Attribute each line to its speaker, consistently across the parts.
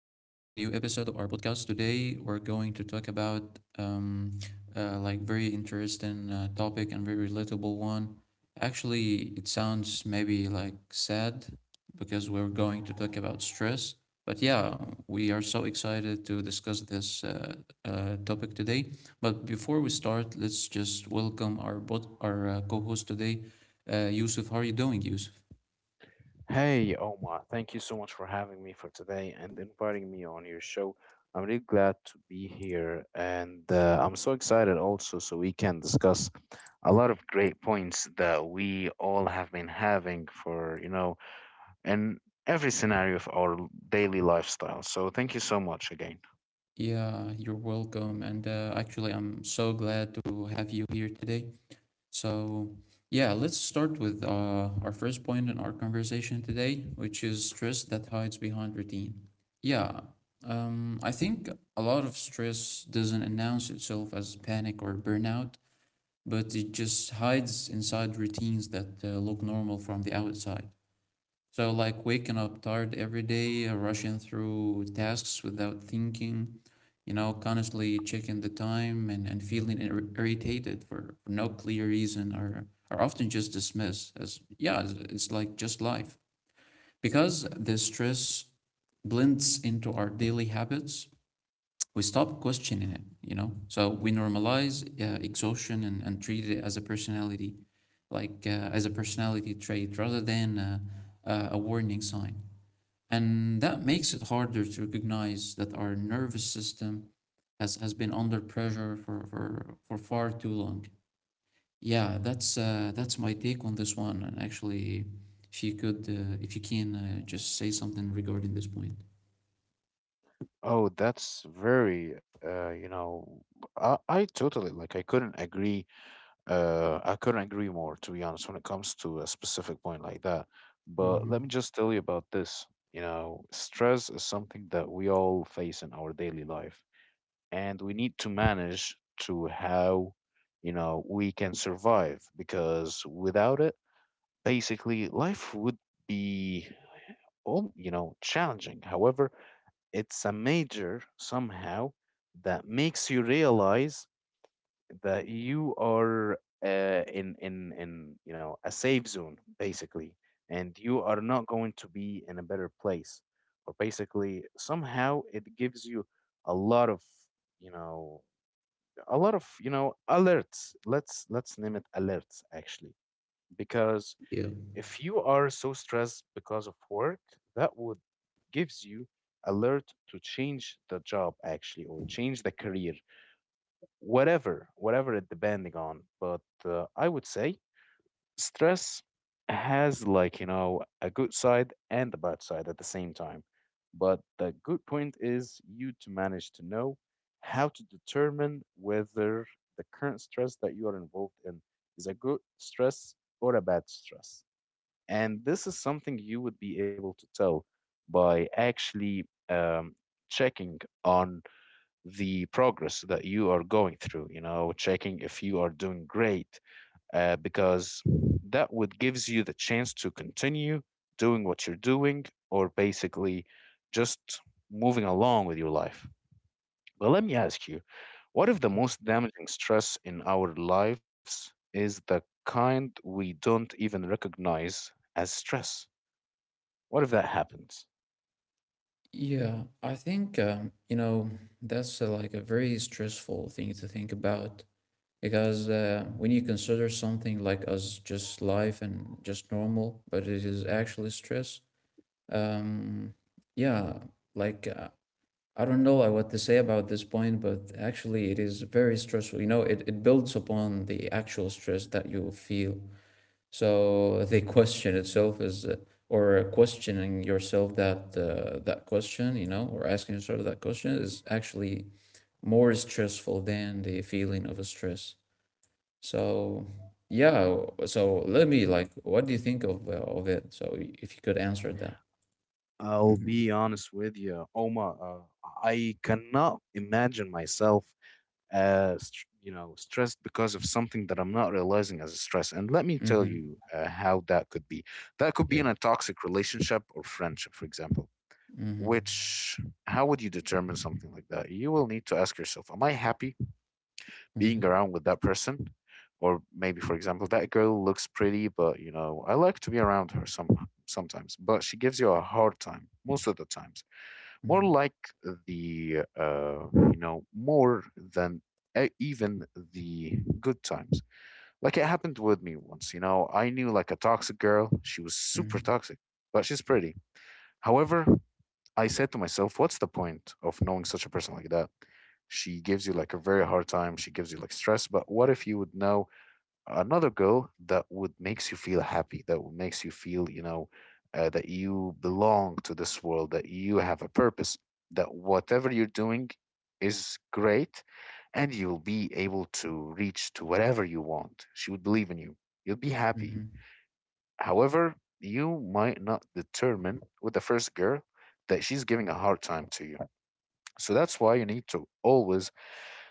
Speaker 1: episode of our podcast. Today, we're going to talk about like very interesting topic and very relatable one. Actually, it sounds maybe like sad because we're going to talk about stress. But yeah, we are so excited to discuss this topic today. But before we start, let's just welcome our co-host today, Yusuf. How are you doing, Yusuf?
Speaker 2: Hey, Omar, thank you so much for having me for today and inviting me on your show. I'm really glad to be here, and I'm so excited also so we can discuss a lot of great points that we all have been having for, in every scenario of our daily lifestyle. So thank you so much again.
Speaker 1: Yeah, you're welcome. And actually, I'm so glad to have you here today. So, yeah, let's start with our first point in our conversation today, which is stress that hides behind routine. Yeah, I think a lot of stress doesn't announce itself as panic or burnout, but it just hides inside routines that look normal from the outside. So, like waking up tired every day, rushing through tasks without thinking, you know, constantly checking the time and feeling irritated for no clear reason are often just dismissed as, yeah, it's like just life. Because the stress blends into our daily habits, we stop questioning it, you know? So we normalize exhaustion and treat it as a personality, as a personality trait rather than a warning sign, and that makes it harder to recognize that our nervous system has been under pressure for far too long. Yeah, that's my take on this one. And actually, if you can, just say something regarding this point.
Speaker 2: Oh, that's very, you know, I totally like, I couldn't agree more, to be honest, when it comes to a specific point like that. But let me
Speaker 1: Hmm.
Speaker 2: just tell you about this. You know, stress is something that we all face in our daily life, and we need to manage to how, we can survive because without it, basically, life would be, challenging. However, it's a major somehow that makes you realize that you are in a safe zone basically, and you are not going to be in a better place, or basically somehow it gives you a lot of you know alerts. Let's name it alerts actually, because
Speaker 1: Yeah.
Speaker 2: if you are so stressed because of work, that would gives you alert to change the job actually, or change the career, whatever it depending on. But I would say stress has, like, a good side and a bad side at the same time. But the good point is you to manage to know how to determine whether the current stress that you are involved in is a good stress or a bad stress. And this is something you would be able to tell by actually, checking on the progress that you are going through, checking if you are doing great, because that would gives you the chance to continue doing what you're doing, or basically just moving along with your life. But let me ask you, what if the most damaging stress in our lives is the kind we don't even recognize as stress? What if that happens?
Speaker 1: Yeah, I think you know, that's like a very stressful thing to think about because when you consider something like as just life and just normal, but it is actually stress. Um, yeah, like uh, I don't know what to say about this point, but actually it is very stressful. You know, it builds upon the actual stress that you feel. So the question itself is, or questioning yourself that that question, you know, or asking yourself that question is actually more stressful than the feeling of a stress. So yeah, so let me like, what do you think of it? So if you could answer that.
Speaker 2: I'll
Speaker 1: Mm-hmm.
Speaker 2: be honest with you, Oma. I cannot imagine myself stressed because of something that I'm not realizing as a stress. And let me tell you
Speaker 1: Mm-hmm.
Speaker 2: how that could be. That could be
Speaker 1: Yeah.
Speaker 2: in a toxic relationship or friendship, for example.
Speaker 1: Mhm.
Speaker 2: Which, how would you determine something like that? You will need to ask yourself, am I happy being
Speaker 1: Mhm.
Speaker 2: around with that person? Or maybe, for example, that girl looks pretty, but I like to be around her sometimes, but she gives you a hard time most of the times, more
Speaker 1: Mhm.
Speaker 2: like the uh, you know more than even the good times. Like, it happened with me once. I knew like a toxic girl, she was super
Speaker 1: Mhm.
Speaker 2: toxic, but she's pretty. However, I said to myself, what's the point of knowing such a person like that? She gives you like a very hard time, she gives you like stress. But what if you would know another goal that would makes you feel happy, that would makes you feel, that you belong to this world, that you have a purpose, that whatever you're doing is great, and you'll be able to reach to whatever you want, she would believe in you, you'll be happy.
Speaker 1: Mhm.
Speaker 2: However, you might not determine with the first girl that she's giving a hard time to you. So that's why you need to always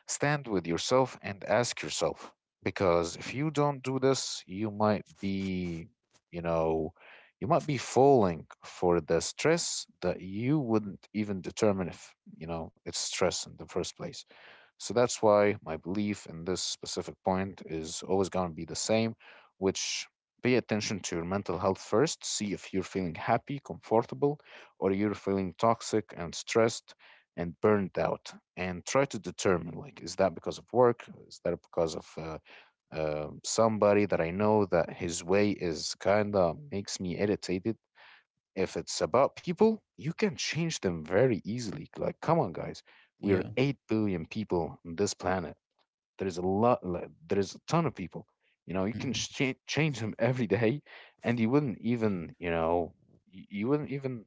Speaker 2: stand with yourself and ask yourself, because if
Speaker 1: Yeah. Mm-hmm.
Speaker 2: you don't do this, you know, you might be falling for the stress that you wouldn't even determine if, it's stress in the first place. So that's why my belief in this specific point is always going to be the same, which, pay attention to your mental health first. See if you're feeling happy, comfortable, or you're feeling toxic and stressed and burned out, and try to determine like, is that because of work, is that because of somebody that I know that his way is kind of makes me irritated. If it's about people, you can change them very easily. Like, come on guys, we're
Speaker 1: Yeah.
Speaker 2: 8 billion people on this planet. There's a ton of people, you can
Speaker 1: Mhm.
Speaker 2: change them every day, and you wouldn't even you know y- you wouldn't even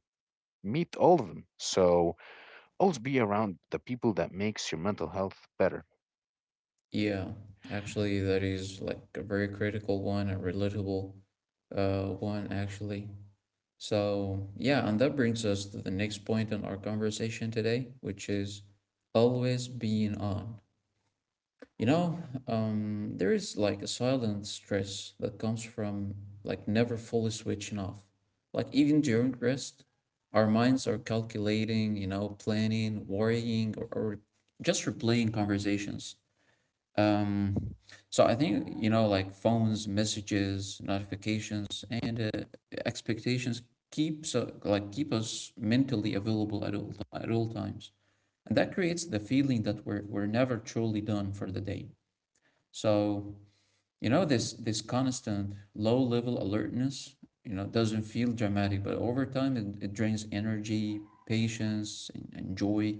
Speaker 2: meet all of them. So always be around the people that makes your mental health better.
Speaker 1: Yeah. Actually, that is like a very critical one, a relatable one actually. So, yeah, and that brings us to the next point in our conversation today, which is always being on. You know, there is like a silent stress that comes from like never fully switching off. Like even during rest, our minds are calculating, you know, planning, worrying, or just replaying conversations. Um, so I think, you know, like phones, messages, notifications, and expectations keep so like keep us mentally available at all times. And that creates the feeling that we're never truly done for the day. So, you know, this constant low level alertness, you know, doesn't feel dramatic, but over time it drains energy, patience, and joy.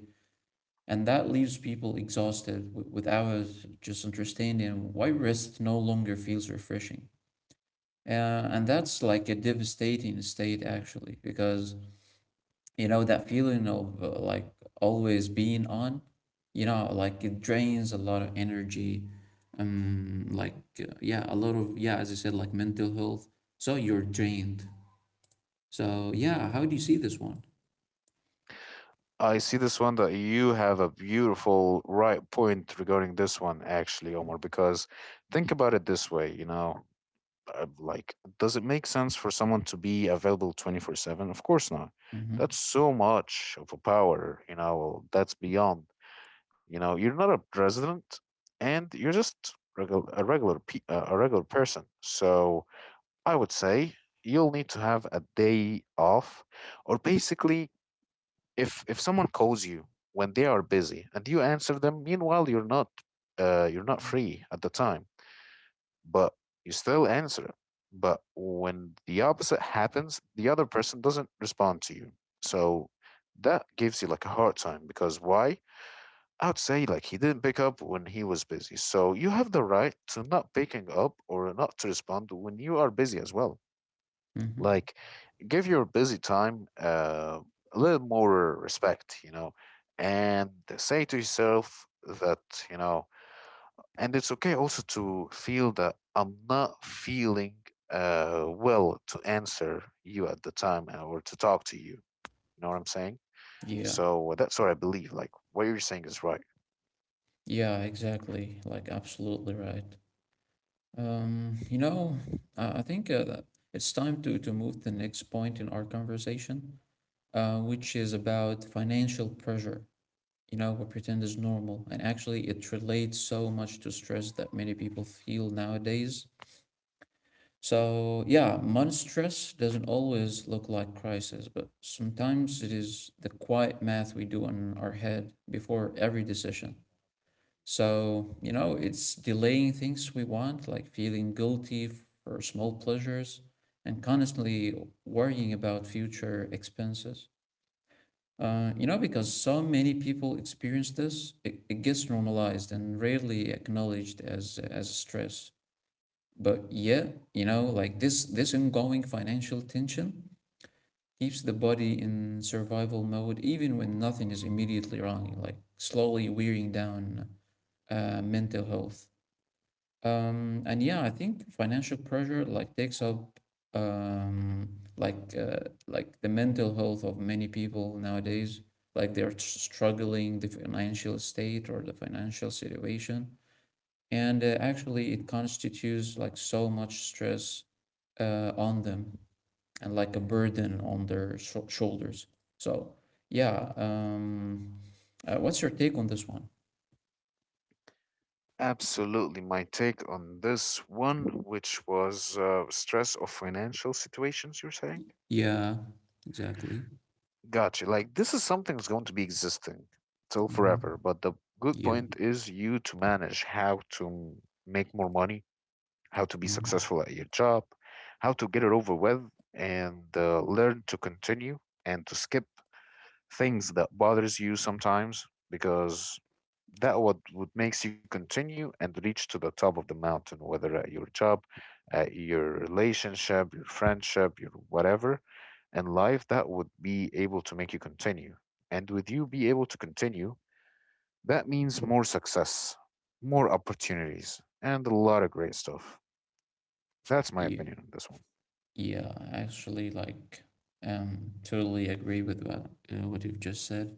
Speaker 1: And that leaves people exhausted without just understanding why rest no longer feels refreshing. Uh, and that's like a devastating state, actually, because you know that feeling of like always being on, you know, like it drains a lot of energy, um like yeah, a lot of, yeah, as I said, like mental health. So you're drained. So yeah, how do you see this one?
Speaker 2: I see this one that you have a beautiful right point regarding this one, actually, Omar. Because think about it this way, like, does it make sense for someone to be available 24/7? Of course not.
Speaker 1: Mm-hmm.
Speaker 2: That's so much of a power, that's beyond, you're not a president, and you're just a regular person. So I would say you'll need to have a day off, or basically, if someone calls you when they are busy and you answer them, meanwhile you're not free at the time, but you still answer it. But when the opposite happens, the other person doesn't respond to you. So that gives you like a hard time, because why? I would say, like, he didn't pick up when he was busy, so you have the right to not picking up or not to respond when you are busy as well.
Speaker 1: Mm-hmm.
Speaker 2: Like, give your busy time a little more respect, you know, and say to yourself that, you know, and it's okay also to feel that I'm not feeling well to answer you at the time, or to talk to you. You know what I'm saying?
Speaker 1: Yeah.
Speaker 2: So that's what I believe. Like, what you're saying is right.
Speaker 1: Yeah, exactly, like absolutely right. You know, I think that it's time to move to the next point in our conversation, which is about financial pressure, you know, we pretend is normal. And actually, it relates so much to stress that many people feel nowadays. So, yeah, money stress doesn't always look like crisis, but sometimes it is the quiet math we do on our head before every decision. So, you know, it's delaying things we want, like feeling guilty for small pleasures and constantly worrying about future expenses. You know, because so many people experience this, it gets normalized and rarely acknowledged as stress. But yeah, you know, like this ongoing financial tension keeps the body in survival mode even when nothing is immediately wrong, like slowly wearing down mental health. And yeah, I think financial pressure like takes up um, like uh, like the mental health of many people nowadays. Like they're struggling the financial state or the financial situation, and actually it constitutes like so much stress on them and like a burden on their shoulders. So yeah, what's your take on this one?
Speaker 2: Absolutely. My take on this one, which was, stress of financial situations, you're saying?
Speaker 1: Yeah, exactly.
Speaker 2: Got you. Like, this is something that's going to be existing till
Speaker 1: Mm-hmm.
Speaker 2: forever. But the good
Speaker 1: Yeah.
Speaker 2: point is you to manage how to make more money, how to be
Speaker 1: Mm-hmm.
Speaker 2: successful at your job, how to get it over with, and learn to continue and to skip things that bothers you sometimes, because that what makes you continue and reach to the top of the mountain, whether at your job, at your relationship, your friendship, your whatever and life that would be able to make you continue. And with you be able to continue, that means more success, more opportunities, and a lot of great stuff. That's my
Speaker 1: Yeah.
Speaker 2: opinion on this one.
Speaker 1: Yeah, I actually like totally agree with what you've just said.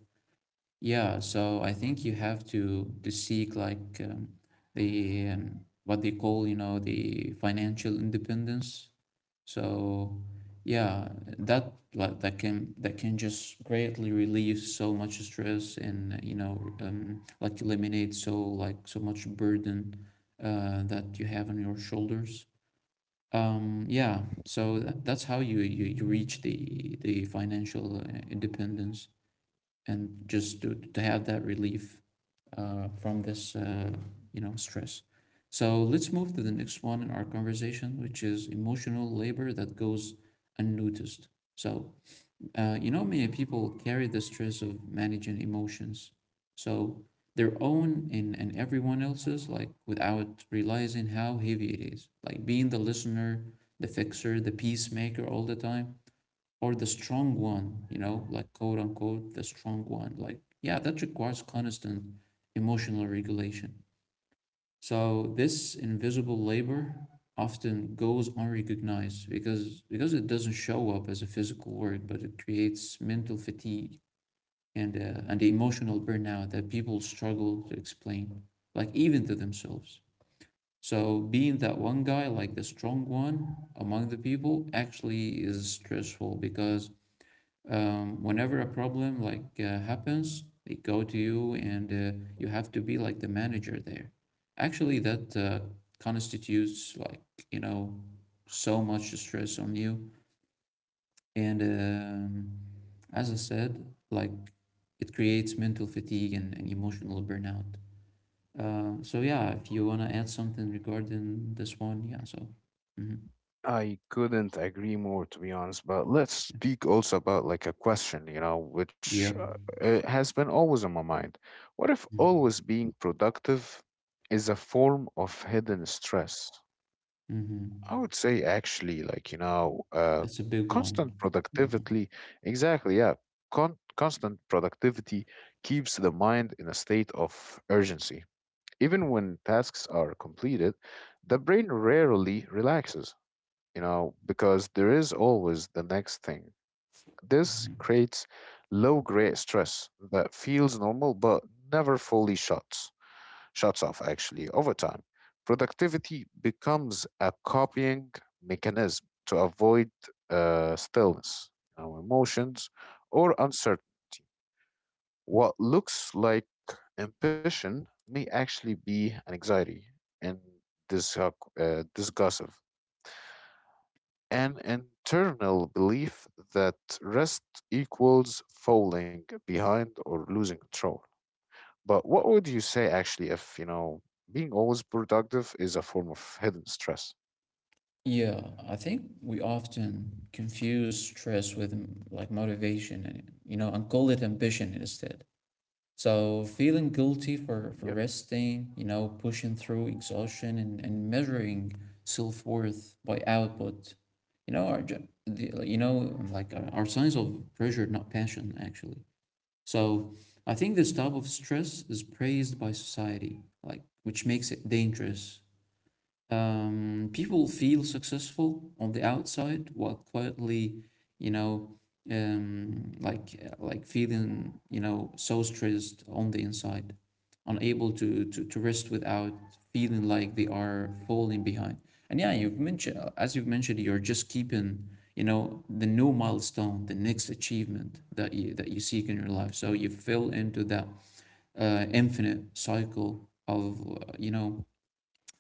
Speaker 1: Yeah, so I think you have to seek like the what they call, you know, the financial independence. So yeah, that like that can just greatly relieve so much stress and you know, like eliminate so like so much burden that you have on your shoulders. Yeah, so that, that's how you, you reach the financial independence and just to have that relief from this you know, stress. So let's move to the next one in our conversation, which is emotional labor that goes unnoticed. So you know, many people carry the stress of managing emotions. So their own and everyone else's, like without realizing how heavy it is. Like being the listener, the fixer, the peacemaker all the time, or the strong one, you know, like quote unquote, the strong one. Like, yeah, that requires constant emotional regulation. So this invisible labor often goes unrecognized because it doesn't show up as a physical word, but it creates mental fatigue and emotional burnout that people struggle to explain, like even to themselves. So being that one guy, like the strong one among the people, actually is stressful because whenever a problem happens, they go to you and you have to be like the manager there. Actually, that constitutes like, you know, so much stress on you. And as I said, like it creates mental fatigue and emotional burnout. So yeah, if you wanna add something regarding this one, yeah, so. Mhm.
Speaker 2: I couldn't agree more, to be honest. But let's speak also about like a question, which
Speaker 1: Yep.
Speaker 2: has been always on my mind. What if
Speaker 1: Mm-hmm.
Speaker 2: always being productive is a form of hidden stress? I
Speaker 1: Mm-hmm.
Speaker 2: would say, actually, like,
Speaker 1: That's a big one.
Speaker 2: constant
Speaker 1: Mhm.
Speaker 2: productivity, exactly, yeah. Constant productivity keeps the mind in a state of urgency. Even when tasks are completed, the brain rarely relaxes, because there is always the next thing. This
Speaker 1: Mhm.
Speaker 2: creates low grade stress that feels normal but never fully shuts off. Actually, over time, productivity becomes a copying mechanism to avoid stillness, our emotions, or uncertainty. What looks like ambition may actually be an anxiety and disgustive, an internal belief that rest equals falling behind or losing control. But what would you say, actually, if, being always productive is a form of hidden stress?
Speaker 1: Yeah, I think we often confuse stress with like motivation and you know and call it ambition instead. So feeling guilty for
Speaker 2: Yep,
Speaker 1: resting, you know, pushing through exhaustion and measuring self-worth by output, you know, are ju- the, like, you know like are signs of pressure, not passion actually. So I think this type of stress is praised by society, like which makes it dangerous. People feel successful on the outside while quietly, you know, feeling, you know, so stressed on the inside, unable to to rest without feeling like they are falling behind. And yeah, you've mentioned, as you've mentioned, you're just keeping, you know, the new milestone, the next achievement that you seek in your life. So you fell into that infinite cycle of uh, you know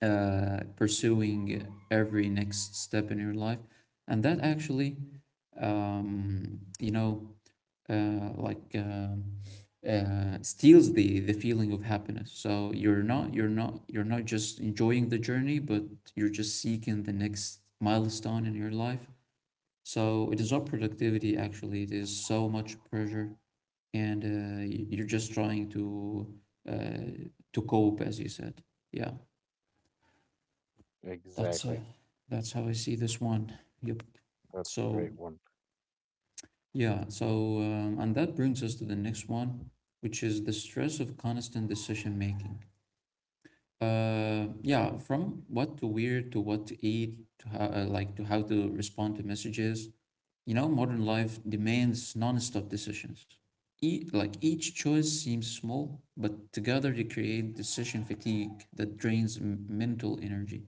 Speaker 1: uh, pursuing every next step in your life. And that actually, um, you know, uh, like um steals the feeling of happiness. So you're not just enjoying the journey, but you're just seeking the next milestone in your life. So it is not productivity actually. It is so much pressure, and you're just trying uh, to cope, as you said. Yeah. That's, uh,
Speaker 2: exactly.
Speaker 1: that's how I see this one. Yep.
Speaker 2: That's a
Speaker 1: So,
Speaker 2: great one.
Speaker 1: yeah, so, and that brings us to the next one, which is the stress of constant decision making. Yeah, from what to wear to what to eat to how, to how to respond to messages. You know, modern life demands non-stop decisions. Like each choice seems small, but together they create decision fatigue that drains mental energy.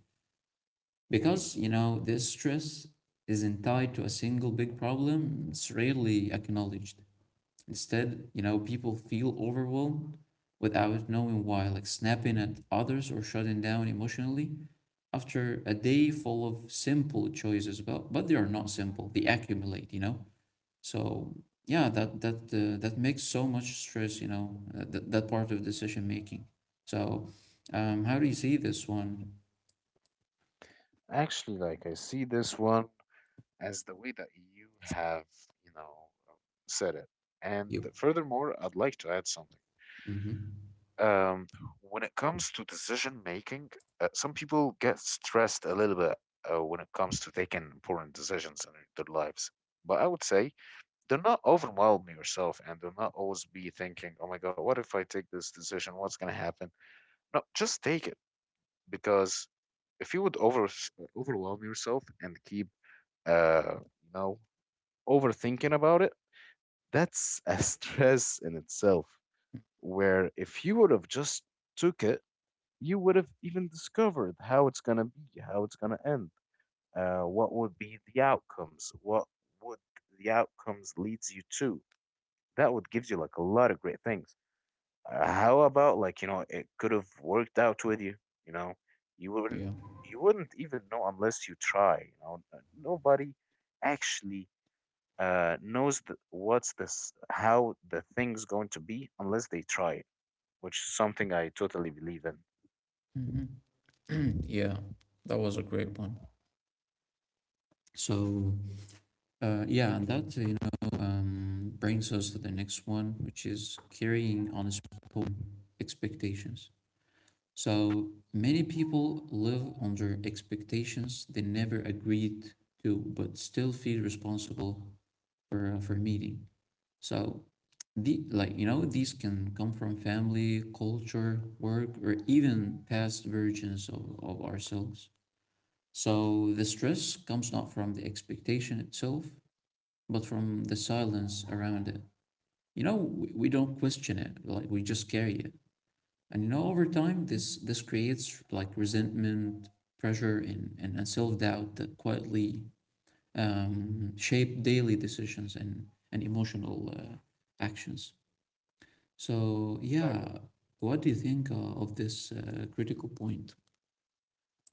Speaker 2: Mhm.
Speaker 1: Because, you know, this stress isn't tied to a single big problem, it's rarely acknowledged. Instead, you know, people feel overwhelmed without knowing why, like snapping at others or shutting down emotionally after a day full of simple choices. But they are not simple. They accumulate, you know. So yeah, that makes so much stress, you know, that part of decision making. So, how do you see this one?
Speaker 2: Actually, like, I see this one as the way that you have, you know, um, said it. And
Speaker 1: You.
Speaker 2: furthermore, I'd like to add something.
Speaker 1: Mm-hmm.
Speaker 2: Um, when it comes to decision making, some people get stressed a little bit when it comes to taking important decisions in their lives. But I would say, do not overwhelm yourself and do not always be thinking, oh my God, what if I take this decision? What's going to happen? No, just take it. Because if you would overwhelm yourself and keep, uh, you know, overthinking about it, that's a stress in itself. Where if you would have just took it, you would have even discovered how it's going to be, how it's going to end, what would be the outcomes, what would the outcomes leads you to. That would gives you like a lot of great things. How about, like, it could have worked out with you. You know, you
Speaker 1: Yeah.
Speaker 2: wouldn't you wouldn't even know unless you try. Nobody actually knows the, what's this how the thing's going to be unless they try it, which is something I totally believe in.
Speaker 1: Mhm. Yeah, that was a great one. So, yeah, and that, you know, brings us to the next one, which is carrying unspoken expectations. So, many people live under expectations they never agreed to, but still feel responsible for meeting. So, these can come from family, culture, work, or even past versions of ourselves. So the stress comes not from the expectation itself, but from the silence around it. You know, we don't question it, like we just carry it. And you know, over time, this creates like resentment, pressure, and self doubt that quietly shape daily decisions and emotional actions. So
Speaker 2: Exactly.
Speaker 1: yeah, what do you think of this critical point?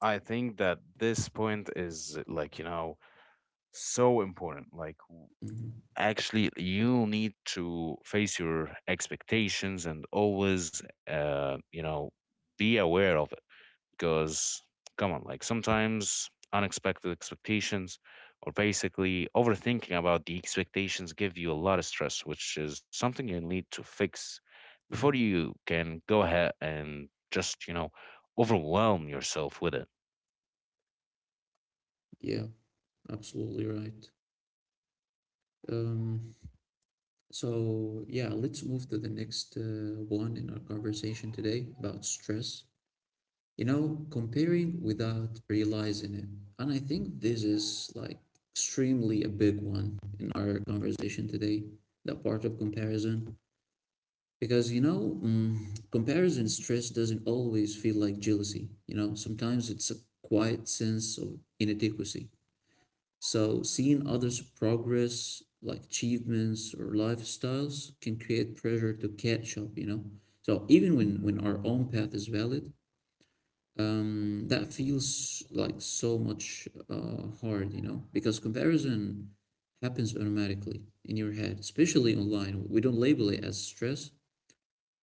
Speaker 2: I think that this point is like, so important. Like
Speaker 1: Mhm,
Speaker 2: actually you need to face your expectations and always you know be aware of it because come on, like sometimes unexpected expectations or basically overthinking about the expectations give you a lot of stress, which is something you need to fix before
Speaker 1: mhm.
Speaker 2: you can go ahead and just you know overwhelm yourself with it.
Speaker 1: Yeah, absolutely right. Um, yeah, let's move to the next one in our conversation today about stress. You know, comparing without realizing it. And I think this is like extremely a big one in our conversation today, that part of comparison. Because, you know, comparison stress doesn't always feel like jealousy. You know, sometimes it's a quiet sense of inadequacy. So, seeing others' progress, like achievements or lifestyles, can create pressure to catch up, you know? So, even when our own path is valid, that feels like so much hard, you know? Because comparison happens automatically in your head, especially online. We don't label it as stress,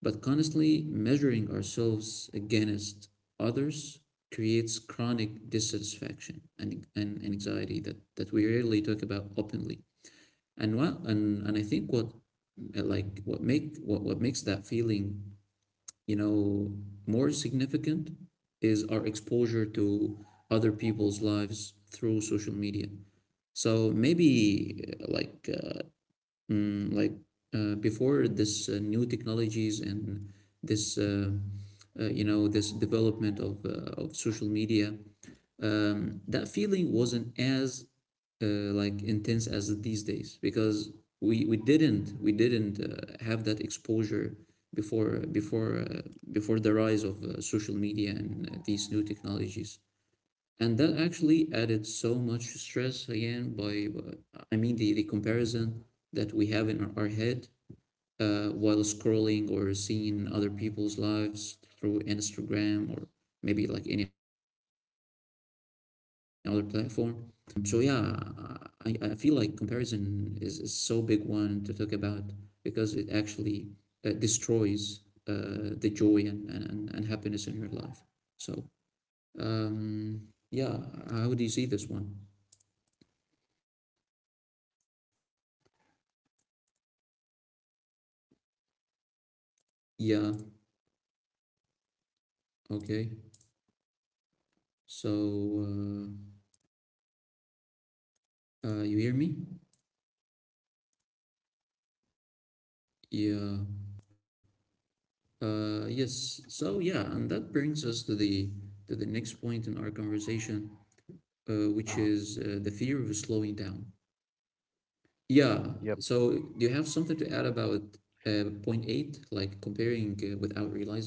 Speaker 1: but constantly measuring ourselves against others creates chronic dissatisfaction and anxiety that we rarely talk about openly. And I think what like what makes that feeling, you know, more significant is our exposure to other people's lives through social media. So maybe mm, like before this new technologies and this you know, this development of social media, um, that feeling wasn't as like intense as these days because we didn't have that exposure before before uh, before the rise of social media and these new technologies. And that actually added so much stress again by I mean the comparison that we have in our head while scrolling or seeing other people's lives through Instagram or maybe like any other platform. So yeah, I feel like comparison is so big one to talk about because it actually destroys the joy and happiness in your life. So um, yeah, how do you see this one? Yeah, okay. So, uh, you hear me? Yeah. Yes. So, yeah, and that brings us to the next point in our conversation, which is the
Speaker 2: Uh-huh.
Speaker 1: fear of slowing down. Yeah. So, do you have something to add about point eight, like comparing without realizing it?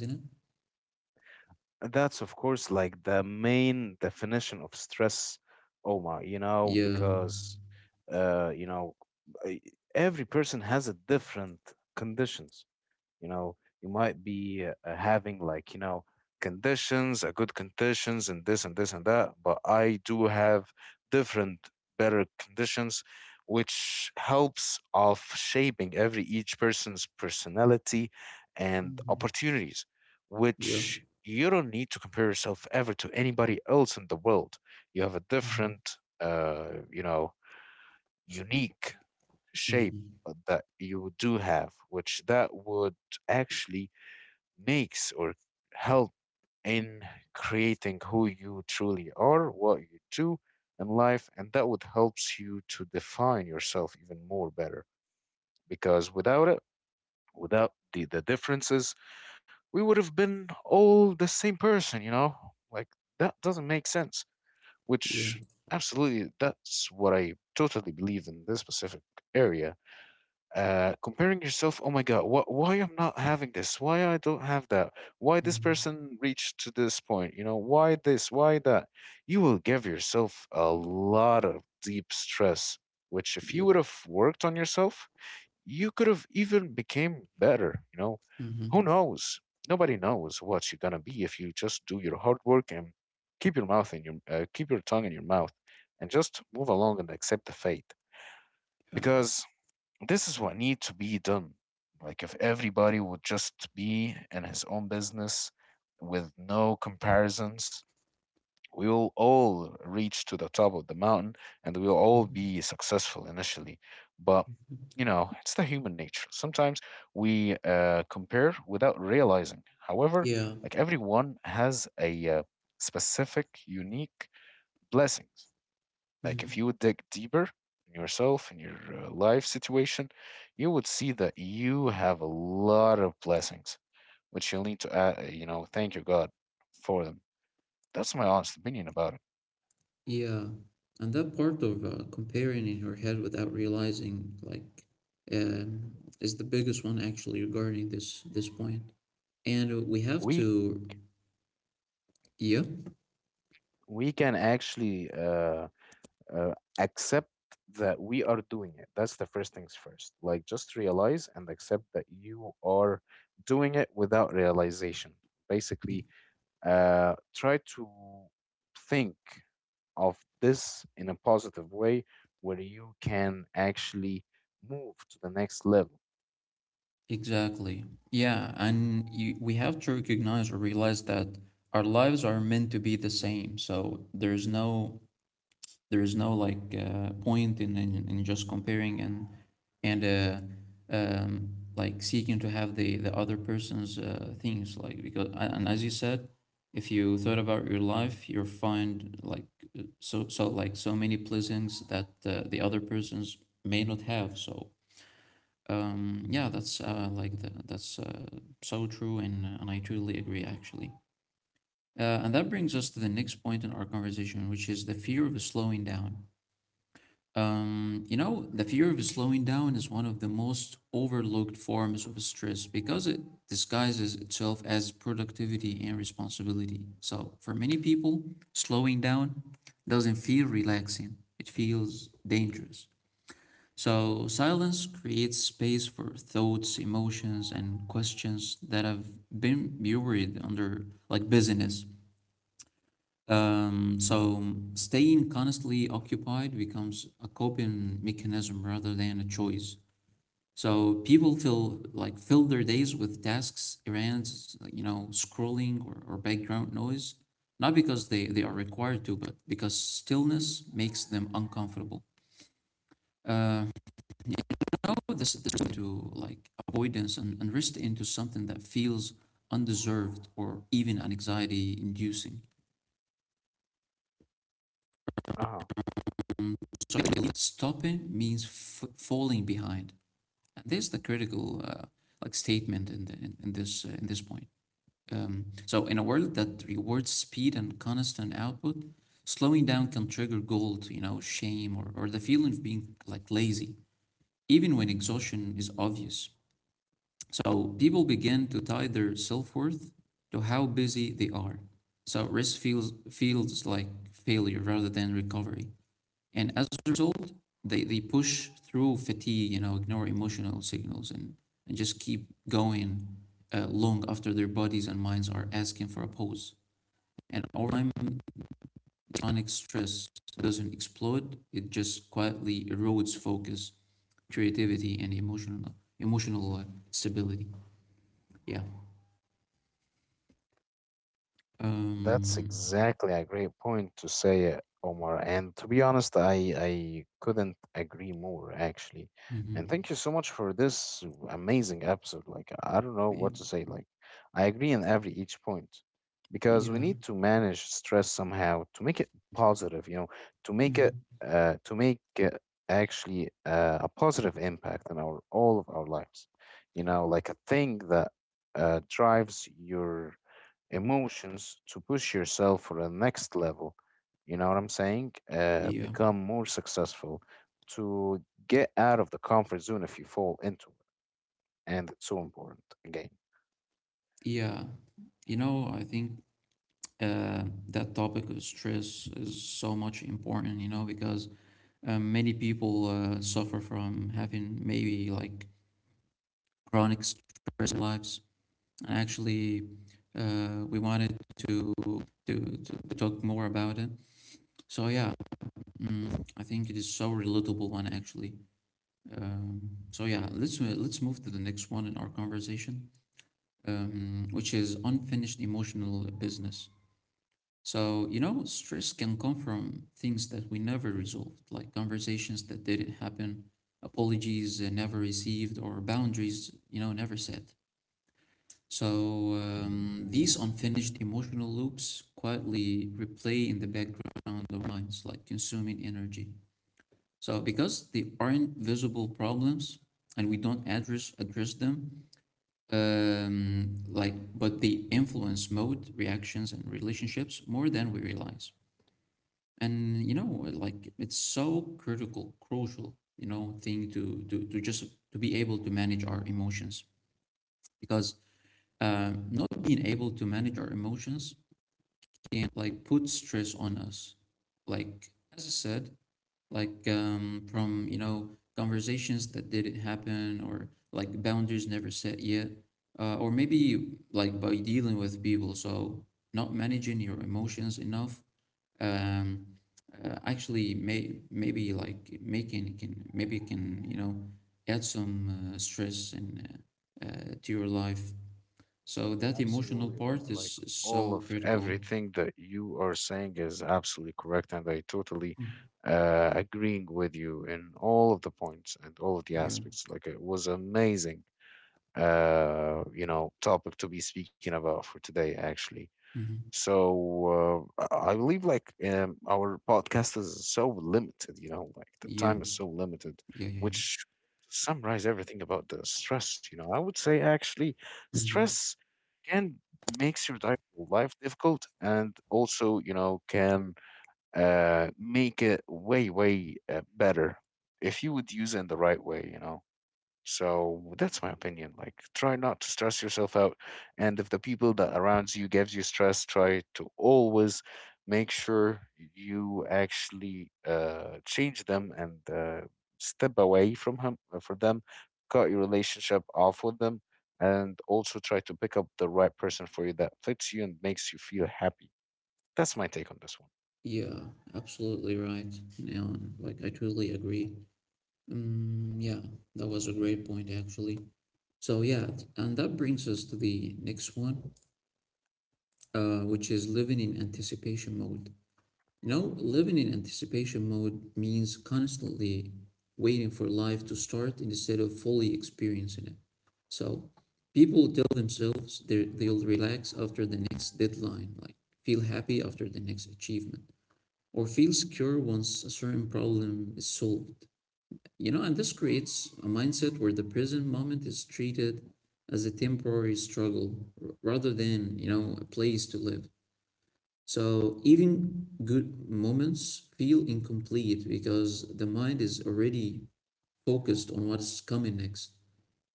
Speaker 2: That's, of course, like the main definition of stress, Omar, you know,
Speaker 1: Yeah.
Speaker 2: because, you know, e- every person has a different conditions, you know. You might be having, like, you know, conditions, a good conditions and this and this and that, but I do have different, better conditions which helps of shaping every each person's personality and
Speaker 1: Mm-hmm.
Speaker 2: opportunities,
Speaker 1: Yeah.
Speaker 2: which you don't need to compare yourself ever to anybody else in the world. You have a
Speaker 1: Mm-hmm.
Speaker 2: different you know, unique shape
Speaker 1: Mm-hmm.
Speaker 2: that you do have, which that would actually makes or help in creating who you truly are, what you do in life, and that would helps you to define yourself even more better. Because without it, without the differences, we would have been all the same person, you know? Like that doesn't make sense.
Speaker 1: Yeah.
Speaker 2: Which absolutely that's what I totally believe in this specific area. Uh, comparing yourself, oh my God, why I'm not having this? Why I don't have that? Why this
Speaker 1: Mm-hmm.
Speaker 2: person reached to this point? You know, why this? Why that? You will give yourself a lot of deep stress, which if you
Speaker 1: Yep.
Speaker 2: would have worked on yourself, you could have even became better. You know, who
Speaker 1: Mm-hmm.
Speaker 2: knows? Nobody knows what you're gonna be if you just do your hard work and keep your mouth in your keep your tongue in your mouth and just move along and accept the fate,
Speaker 1: Yeah.
Speaker 2: because this is what needs to be done. Like if everybody would just be in his own business with no comparisons, we will all reach to the top of the mountain and we will all
Speaker 1: Mm-hmm.
Speaker 2: be successful initially. But you know, it's the human nature. Sometimes we compare without realizing. However,
Speaker 1: Yeah.
Speaker 2: like everyone has a specific, unique blessings. Like if you
Speaker 1: Mm-hmm.
Speaker 2: would dig deeper in yourself, in your life situation, you would see that you have a lot of blessings, which you'll need to, you know, thank your God for them. That's my honest opinion about it.
Speaker 1: Yeah, and that part of comparing in your head without realizing, like, um, is the biggest one actually regarding this point. And we have
Speaker 2: we
Speaker 1: to, yeah,
Speaker 2: we can actually accept that we are doing it. That's the first things first, like just realize and accept that you are doing it without realization, basically.
Speaker 1: y-
Speaker 2: Try to think of this in a positive way where you can actually move to the next level.
Speaker 1: exactly, yeah, we have to recognize or realize that our lives are meant to be the same. So there's no there is no point in in just comparing and um, like seeking to have the other person's things like because and as you said, if you thought about your life, you'll find like so like so many blessings that the other persons may not have. So yeah, that's so true, and I truly agree actually. And that brings us to the next point in our conversation, which is the fear of slowing down. You know, the fear of slowing down is one of the most overlooked forms of stress because it disguises itself as productivity and responsibility. So, for many people, slowing down doesn't feel relaxing, it feels dangerous. So, silence creates space for thoughts, emotions, and questions that have been buried under like busyness. So staying constantly occupied becomes a coping mechanism rather than a choice. So people feel like fill their days with tasks, errands, like, you know, scrolling or background noise, not because they are required to, but because stillness makes them uncomfortable. You know, this turns into like avoidance and risk into something that feels undeserved or even anxiety inducing.
Speaker 2: Uh huh.
Speaker 1: So stopping means falling behind. This is the critical like statement in this point. So in a world that rewards speed and constant output, slowing down can trigger guilt, you know, shame or the feeling of being like lazy, even when exhaustion is obvious. So people begin to tie their self-worth to how busy they are. So rest feels like failure rather than recovery. And as a result, they push through fatigue, you know, ignore emotional signals, and just keep going long after their bodies and minds are asking for a pause. And over time, chronic stress doesn't explode, it just quietly erodes focus, creativity, and emotional stability. Yeah.
Speaker 2: That's
Speaker 1: Um,
Speaker 2: exactly a great point to say, Omar. And to be honest, I couldn't agree more, actually. And
Speaker 1: mhm.
Speaker 2: thank you so much for this amazing episode. Like, I don't know
Speaker 1: Yeah.
Speaker 2: what to say. Like, I agree on every each point because we
Speaker 1: Yeah.
Speaker 2: need to manage stress somehow to make it positive, you know, to make it
Speaker 1: Mhm.
Speaker 2: to make it actually a positive impact in our all of our lives. You know, like a thing that drives your emotions to push yourself for the next level. You know what I'm saying?
Speaker 1: Yeah.
Speaker 2: Become more successful, to get out of the comfort zone if you fall into it. And it's so important again.
Speaker 1: Yeah. You know, I think uh, that topic of stress is so much important, you know, because many people suffer from having maybe like chronic stress in lives. And actually, we wanted to talk more about it. So yeah, I think it is so relatable one actually. Um, so yeah, let's move to the next one in our conversation, which is unfinished emotional business. So, you know, stress can come from things that we never resolved, like conversations that didn't happen, apologies never received, or boundaries, you know, never set. So, these unfinished emotional loops quietly replay in the background of our minds, like consuming energy. So, because they aren't visible problems and we don't address them, but they influence mode, reactions, and relationships more than we realize. And you know, like it's so critical crucial, you know, thing to to just to be able to manage our emotions because not being able to manage our emotions can like put stress on us like as I said, like from you know, conversations that didn't happen or like boundaries never set yet, or maybe like by dealing with people. So not managing your emotions enough um, actually maybe can you know add some stress and to your life. So that emotional
Speaker 2: Absolutely, Omar.
Speaker 1: part
Speaker 2: Like
Speaker 1: is
Speaker 2: all
Speaker 1: so
Speaker 2: of
Speaker 1: critical.
Speaker 2: everything that you are saying is absolutely correct, and I totally
Speaker 1: Mm.
Speaker 2: agreeing with you in all of the points and all of the
Speaker 1: Yeah.
Speaker 2: aspects. Like it was amazing you know, topic to be speaking about for today, actually.
Speaker 1: Mm-hmm.
Speaker 2: So I believe, like, our podcast is so limited, you know, like the
Speaker 1: Yeah.
Speaker 2: time is so limited,
Speaker 1: Yeah. Yeah. Yeah.
Speaker 2: which summarize everything about the stress. You know, I would say actually
Speaker 1: Mm-hmm.
Speaker 2: stress can makes your life difficult, and also, you know, can make it way, way better if you would use it in the right way, you know. So that's my opinion. Like, try not to stress yourself out. And if the people that around you gives you stress, try to always make sure you actually change them and step away from him for them. Cut your relationship off with them, and also try to pick up the right person for you that fits you and makes you feel happy. That's my take on this one.
Speaker 1: Yeah. Absolutely right. Now, like I truly agree. Mm, yeah, that was a great point actually. So yeah, and that brings us to the next one, which is living in anticipation mode. You know, living in anticipation mode means constantly waiting for life to start instead of fully experiencing it. So people tell themselves they'll relax after the next deadline, like feel happy after the next achievement, or feel secure once a certain problem is solved. You know, and this creates a mindset where the present moment is treated as a temporary struggle rather than, you know, a place to live. So even good moments feel incomplete because the mind is already focused on what's coming next.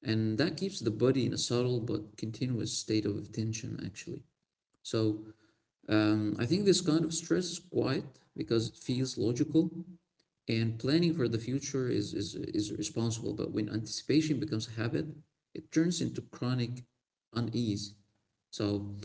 Speaker 1: And that keeps the body in a subtle but continuous state of tension, actually. So I think this kind of stress is quiet because it feels logical, and planning for the future is responsible. But when anticipation becomes habit, it turns into chronic unease. So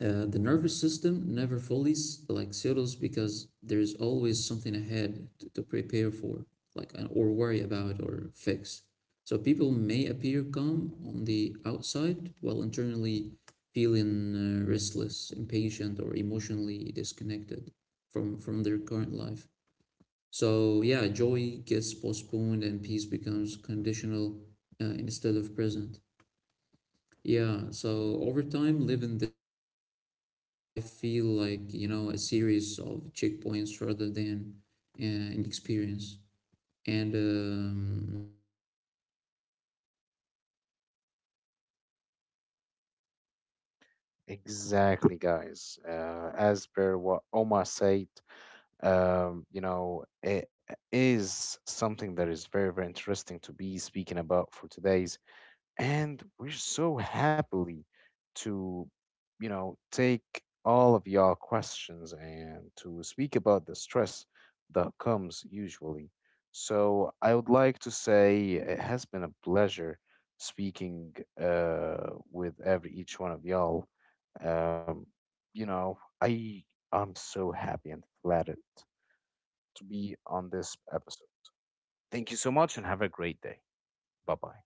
Speaker 1: the nervous system never fully like settles because there's always something ahead to prepare for, like or worry about or fix. So people may appear calm on the outside while internally feeling restless, impatient, or emotionally disconnected from their current life. So yeah, joy gets postponed and peace becomes conditional instead of present. Yeah, so over time, living this way can make life feel like, you know, a series of checkpoints rather than an experience. And, you know, achievements bring only brief relief before the next concern takes over. Yeah,
Speaker 2: Exactly, guys.
Speaker 1: that's how I
Speaker 2: As
Speaker 1: see
Speaker 2: per
Speaker 1: this
Speaker 2: what
Speaker 1: one.
Speaker 2: Omar said, you know, it is something that is very, very interesting to be speaking about for today's. And we're so happily to, you know, take all of your questions and to speak about the stress that comes usually. So I would like to say it has been a pleasure speaking with every each one of y'all. Um, you know, I'm so happy and flattered to be on this episode. Thank you so much and have a great day. Bye bye.